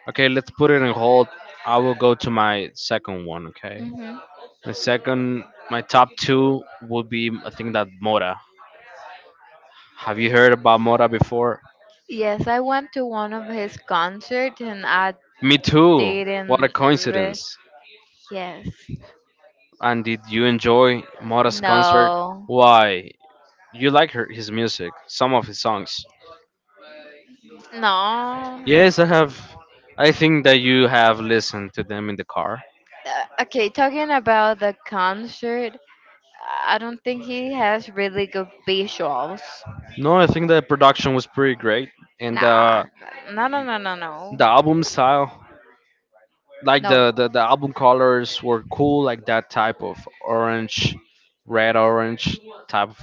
[SPEAKER 1] Okay, let's put it in hold. I will go to my second one, okay?
[SPEAKER 2] Hmm.
[SPEAKER 1] My second, my top two will be, I think that Mora. Have you heard about Mora before?
[SPEAKER 2] Yes, I went to one of his concerts. And I
[SPEAKER 1] Me too. What a
[SPEAKER 2] didn't re-
[SPEAKER 1] coincidence.
[SPEAKER 2] Yes.
[SPEAKER 1] And did you enjoy Mora's concert?
[SPEAKER 2] No.
[SPEAKER 1] Why? You like her, his music, some of his songs.
[SPEAKER 2] No.
[SPEAKER 1] Yes, I have. I think that you have listened to them in the car.
[SPEAKER 2] Okay, talking about the concert, I don't think he has really good visuals.
[SPEAKER 1] No, I think the production was pretty great, and
[SPEAKER 2] Nah. No, no, no, no, no.
[SPEAKER 1] the album style like
[SPEAKER 2] No.
[SPEAKER 1] the album colors were cool like that type of orange red orange type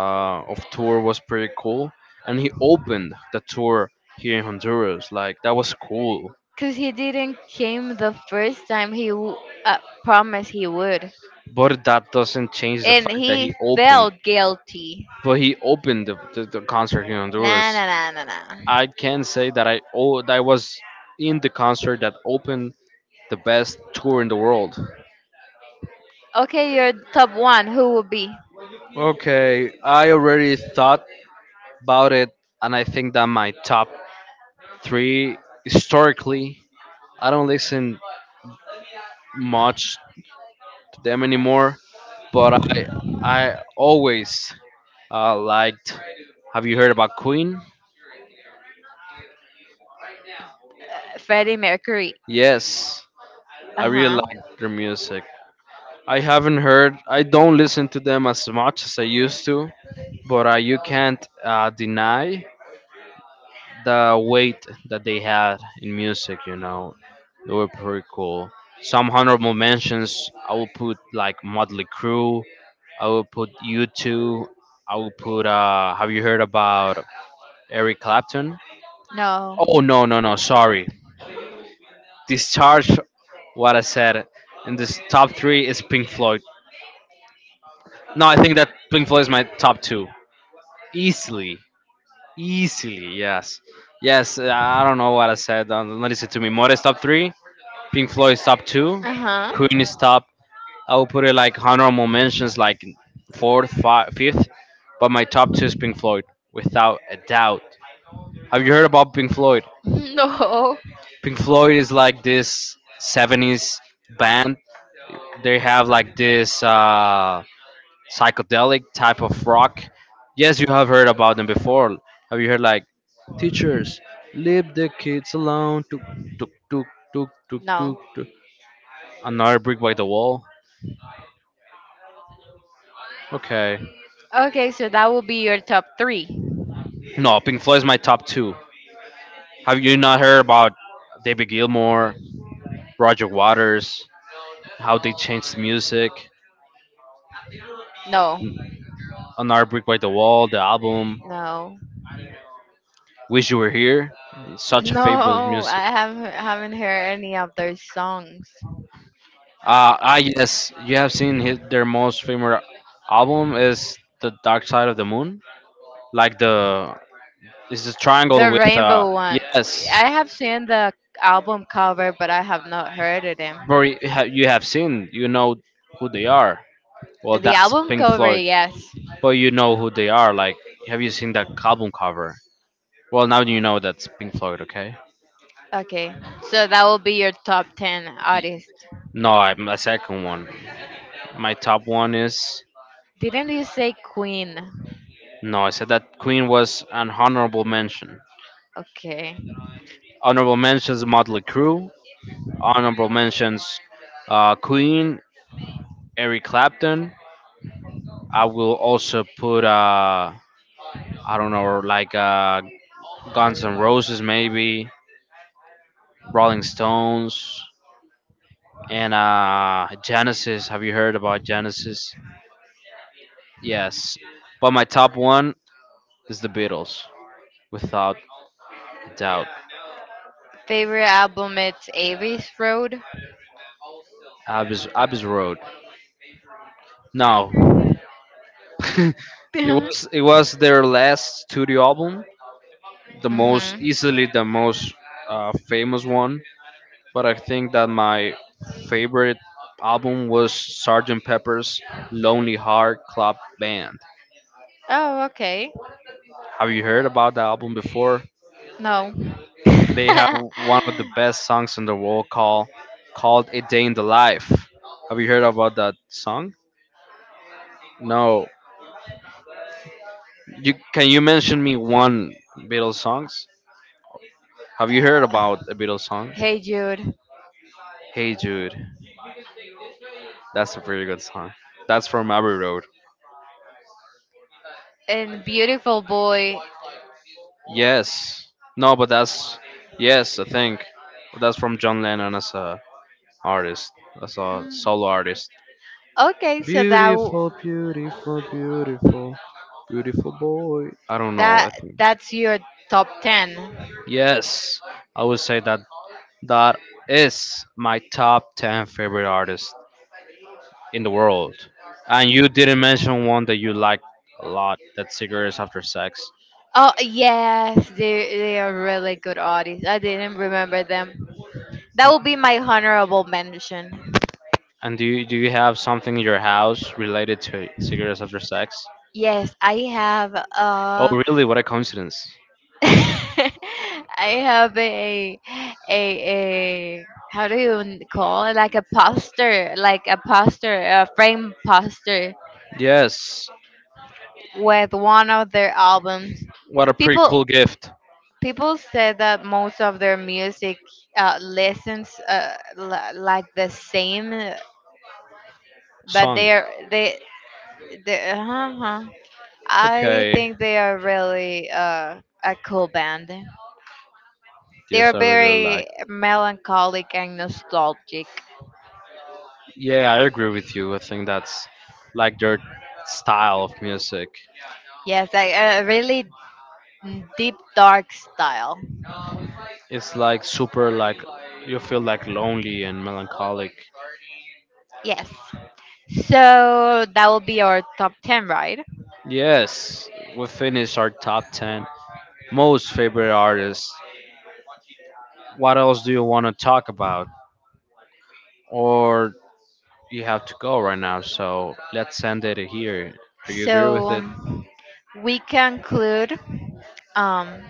[SPEAKER 1] of tour was pretty cool and he opened the tour here in Honduras like that was cool
[SPEAKER 2] Cause he didn't came the first time he uh, promised he would,
[SPEAKER 1] but that doesn't change the
[SPEAKER 2] and
[SPEAKER 1] fact that
[SPEAKER 2] he
[SPEAKER 1] he opened
[SPEAKER 2] felt guilty.
[SPEAKER 1] but he opened the concert here in
[SPEAKER 2] Nah,
[SPEAKER 1] Honduras.
[SPEAKER 2] nah, nah, nah, nah.
[SPEAKER 1] I can say that that I was in the concert that opened the best tour in the world.
[SPEAKER 2] Okay, your top one. Who will be?
[SPEAKER 1] Okay, I already thought about it, and I think that my top three historically, I don't listen much to them anymore, but I always liked. Have you heard about Queen?
[SPEAKER 2] Freddie Mercury.
[SPEAKER 1] Yes, I
[SPEAKER 2] Uh
[SPEAKER 1] really
[SPEAKER 2] huh.
[SPEAKER 1] like their music. I haven't heard. I don't listen to them as much as I used to, but you can't deny the weight that they had in music, you know, they were pretty cool. Some honorable mentions I will put like Motley Crue, I will put U2, I will put have you heard about Eric Clapton?
[SPEAKER 2] No.
[SPEAKER 1] Oh, no, sorry. Discharge what I said in this top three is Pink Floyd. No, I think that Pink Floyd is my top two. Easily. Easily, yes. Yes, I don't know what I said. Don't listen to me. More's top three, Pink Floyd's top two,
[SPEAKER 2] Uh huh.
[SPEAKER 1] Queen is top. I would put it like honorable mentions, like fourth, fi fifth. But my top two is Pink Floyd, without a doubt. Have you heard about Pink Floyd?
[SPEAKER 2] No.
[SPEAKER 1] Pink Floyd is like this 70s band. They have like this psychedelic type of rock. Yes, you have heard about them before. Have you heard like teachers leave the kids alone? Tuk tuk tuk tuk tuk tuk
[SPEAKER 2] No.
[SPEAKER 1] tuk. Another brick by the wall. Okay.
[SPEAKER 2] Okay, so that will be your top three.
[SPEAKER 1] No, Pink Floyd is my top two. Have you not heard about David Gilmour, Roger Waters, how they changed the music?
[SPEAKER 2] No.
[SPEAKER 1] Another Brick by the Wall, the album.
[SPEAKER 2] No.
[SPEAKER 1] Wish You Were Here. Such a famous
[SPEAKER 2] No,
[SPEAKER 1] music.
[SPEAKER 2] I haven't heard any of their songs.
[SPEAKER 1] Yes, you have seen his, their most famous album is The Dark Side of the Moon. Like the, it's a triangle
[SPEAKER 2] The
[SPEAKER 1] with,
[SPEAKER 2] Rainbow one.
[SPEAKER 1] yes,
[SPEAKER 2] I have seen the album cover, but I have not heard of them.
[SPEAKER 1] bro, you have seen, you know who they are. Well,
[SPEAKER 2] The
[SPEAKER 1] that's
[SPEAKER 2] album
[SPEAKER 1] Pink
[SPEAKER 2] cover,
[SPEAKER 1] Floyd.
[SPEAKER 2] yes.
[SPEAKER 1] But you know who they are. Like, have you seen that album cover? Well, now you know that's Pink Floyd, okay?
[SPEAKER 2] Okay, so that will be your top 10
[SPEAKER 1] Y-
[SPEAKER 2] artist.
[SPEAKER 1] No, I, my second one. My top one is
[SPEAKER 2] Didn't he say queen?
[SPEAKER 1] no. I said that Queen was an honorable mention.
[SPEAKER 2] Okay.
[SPEAKER 1] Honorable mentions Motley Crue. Honorable mentions Queen, Eric Clapton. I will also put I don't know, like Guns N' Roses, maybe Rolling Stones and Genesis. Have you heard about Genesis? Yes, but my top one is the Beatles, without a doubt.
[SPEAKER 2] Favorite album? It's Avis Road.
[SPEAKER 1] Abbey's Road. No, it was it was their last studio album, the most
[SPEAKER 2] Mhm.
[SPEAKER 1] easily the most famous one. But I think that my favorite album was Sergeant Pepper's Lonely Heart Club Band.
[SPEAKER 2] Oh, okay.
[SPEAKER 1] Have you heard about the album before?
[SPEAKER 2] No.
[SPEAKER 1] They have one of the best songs in the world called A Day in the Life. Have you heard about that song? No, you mention me one Beatles songs? Have you heard about a Beatles song?
[SPEAKER 2] Hey Jude
[SPEAKER 1] Hey Jude, that's a pretty good song. That's from Abbey Road.
[SPEAKER 2] and beautiful boy.
[SPEAKER 1] Yes. No, but that's yes, I think that's from John Lennon as a artist, as a solo
[SPEAKER 2] Mm,
[SPEAKER 1] artist.
[SPEAKER 2] Okay, so
[SPEAKER 1] Beautiful, beautiful, beautiful, beautiful boy. I don't know. I
[SPEAKER 2] that
[SPEAKER 1] think
[SPEAKER 2] that's your top 10.
[SPEAKER 1] yes, I would say that that is my top ten favorite artist in the world. And you didn't mention one that you like a lot, that's cigarettes after sex.
[SPEAKER 2] Oh, yes, they are really good artists. I didn't remember them. That will be my honorable mention.
[SPEAKER 1] And do you have something in your house related to cigarettes after sex?
[SPEAKER 2] Yes, I have
[SPEAKER 1] Oh, really? What a coincidence.
[SPEAKER 2] I have a a how do you call it? Like a poster, a frame poster
[SPEAKER 1] Yes,
[SPEAKER 2] with one of their albums.
[SPEAKER 1] what a pretty
[SPEAKER 2] People
[SPEAKER 1] cool gift.
[SPEAKER 2] people said that most of their music listens like the same, but they
[SPEAKER 1] Song.
[SPEAKER 2] are they they. Uh-huh. Uh-huh. I
[SPEAKER 1] Okay.
[SPEAKER 2] think they are really a cool band. They are
[SPEAKER 1] Yes, I really like.
[SPEAKER 2] very melancholic and nostalgic.
[SPEAKER 1] Yeah, I agree with you. I think that's like their style of music.
[SPEAKER 2] Yes, like a really deep dark style.
[SPEAKER 1] It's like super, feel like lonely and melancholic.
[SPEAKER 2] Yes. So that will be our top 10, right?
[SPEAKER 1] Yes, we finished our top 10 most favorite artists. What else do you want to talk about? Or you have to go right now, so send it here. Do you agree
[SPEAKER 2] So
[SPEAKER 1] with it?
[SPEAKER 2] we conclude um,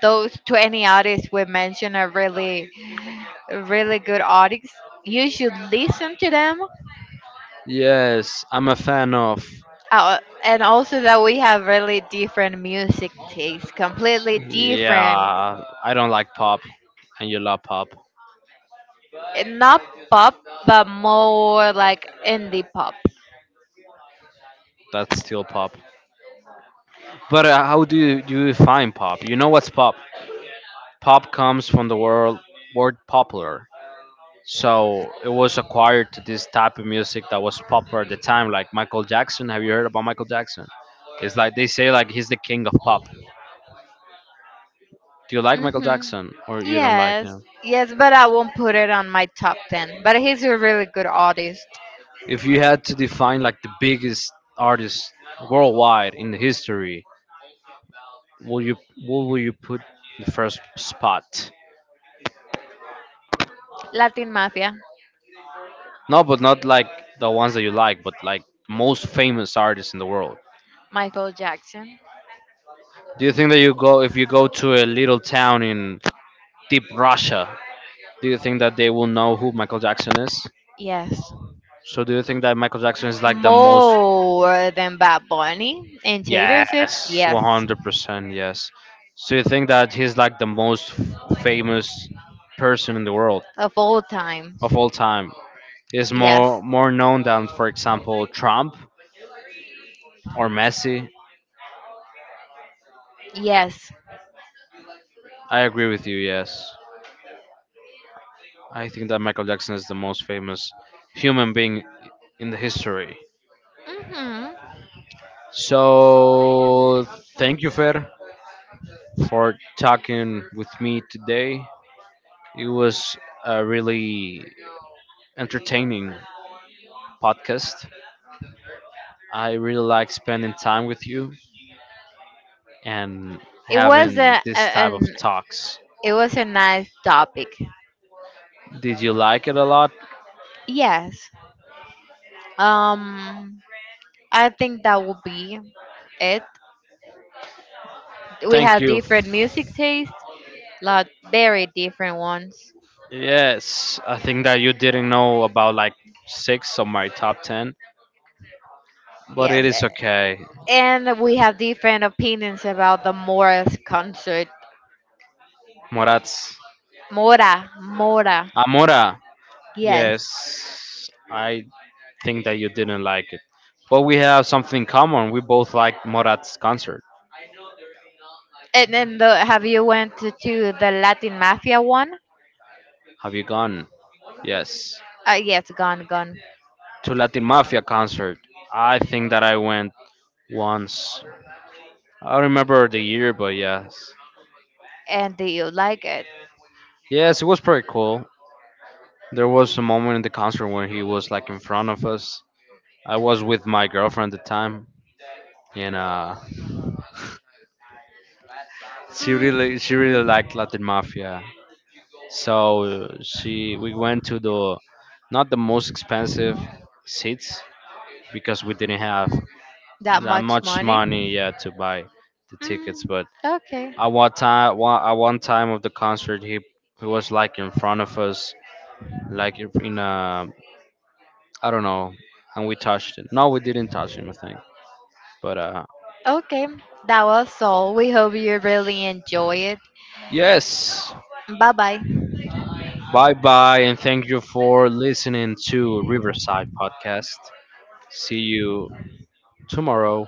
[SPEAKER 2] those 20 artists we mentioned are really, really good artists. You should listen to them.
[SPEAKER 1] Yes, I'm a fan of.
[SPEAKER 2] Oh, and also that we have really different music tastes, completely different.
[SPEAKER 1] Yeah, I don't like pop, and you love pop.
[SPEAKER 2] Not pop, but more like indie pop.
[SPEAKER 1] That's still pop. But do you define pop? You know what's pop? Pop comes from the world word popular. So it was acquired to this type of music that was popular at the time, like Michael Jackson. Have you heard about Michael Jackson? It's like they say like he's the king of pop. Do you like Michael
[SPEAKER 2] Hmm.
[SPEAKER 1] Jackson or you don't like
[SPEAKER 2] Yes,
[SPEAKER 1] him?
[SPEAKER 2] yes, but I won't put it on my top 10. But he's a really good artist.
[SPEAKER 1] If you had to define like the biggest artist worldwide in the history, will you what will you put the first spot?
[SPEAKER 2] Latin Mafia,
[SPEAKER 1] No, but not like the ones that you like, but like most famous artists in the world.
[SPEAKER 2] Michael Jackson.
[SPEAKER 1] Do you think that you go if you go to a little town in deep Russia, do you think that they will know who Michael Jackson is?
[SPEAKER 2] Yes.
[SPEAKER 1] So do you think that Michael Jackson is like the most?
[SPEAKER 2] More than Bad Bunny and Taylor Swift,
[SPEAKER 1] Yes,
[SPEAKER 2] yes.
[SPEAKER 1] 100%. Yes. So you think that he's like the most famous person in the world
[SPEAKER 2] Of all time,
[SPEAKER 1] of all time? He's
[SPEAKER 2] yes.
[SPEAKER 1] more known than, for example, Trump or Messi.
[SPEAKER 2] Yes.
[SPEAKER 1] I agree with you. Yes, I think that Michael Jackson is the most famous human being in the history.
[SPEAKER 2] hmm
[SPEAKER 1] So thank you, Fer, for talking with me today. It was a really entertaining podcast. I really like spending time with you and
[SPEAKER 2] It was
[SPEAKER 1] having
[SPEAKER 2] a, a
[SPEAKER 1] this type of
[SPEAKER 2] an
[SPEAKER 1] talks.
[SPEAKER 2] it was a nice topic.
[SPEAKER 1] Did you like it a lot?
[SPEAKER 2] Yes. Um, I think that would be it. We
[SPEAKER 1] Thank
[SPEAKER 2] have
[SPEAKER 1] you.
[SPEAKER 2] different music tastes, lot very different ones.
[SPEAKER 1] Yes, I think that you didn't know about like six of my top ten, but it
[SPEAKER 2] Yes,
[SPEAKER 1] is okay.
[SPEAKER 2] and we have different opinions about the Mora's concert.
[SPEAKER 1] Moratz.
[SPEAKER 2] Mora, Mora.
[SPEAKER 1] Amora.
[SPEAKER 2] Yes.
[SPEAKER 1] Yes, I think that you didn't like it. But we have something in common. We both like Morat's concert.
[SPEAKER 2] And then have you went to the Latin Mafia one?
[SPEAKER 1] Have you gone? Yes.
[SPEAKER 2] Yes, gone, gone.
[SPEAKER 1] To Latin Mafia concert. I think that I went once. I don't remember the year, but yes,
[SPEAKER 2] And do you like it?
[SPEAKER 1] yes, it was pretty cool. There was a moment in the concert when he was like in front of us. I was with my girlfriend at the time, and she really liked Latin Mafia. So she we went to the not the most expensive
[SPEAKER 2] Mm-hmm.
[SPEAKER 1] seats because we didn't have
[SPEAKER 2] That
[SPEAKER 1] that
[SPEAKER 2] much
[SPEAKER 1] much
[SPEAKER 2] money?
[SPEAKER 1] money yet to buy the tickets.
[SPEAKER 2] Mm,
[SPEAKER 1] But
[SPEAKER 2] okay.
[SPEAKER 1] one at one time of the concert, he was like in front of us, like in a I don't know. And we touched it. No, we didn't touch him, I think. But
[SPEAKER 2] Okay, that was all. We hope you really enjoy it.
[SPEAKER 1] yes,
[SPEAKER 2] Bye bye.
[SPEAKER 1] bye bye, and thank you for listening to Riverside Podcast. See you tomorrow.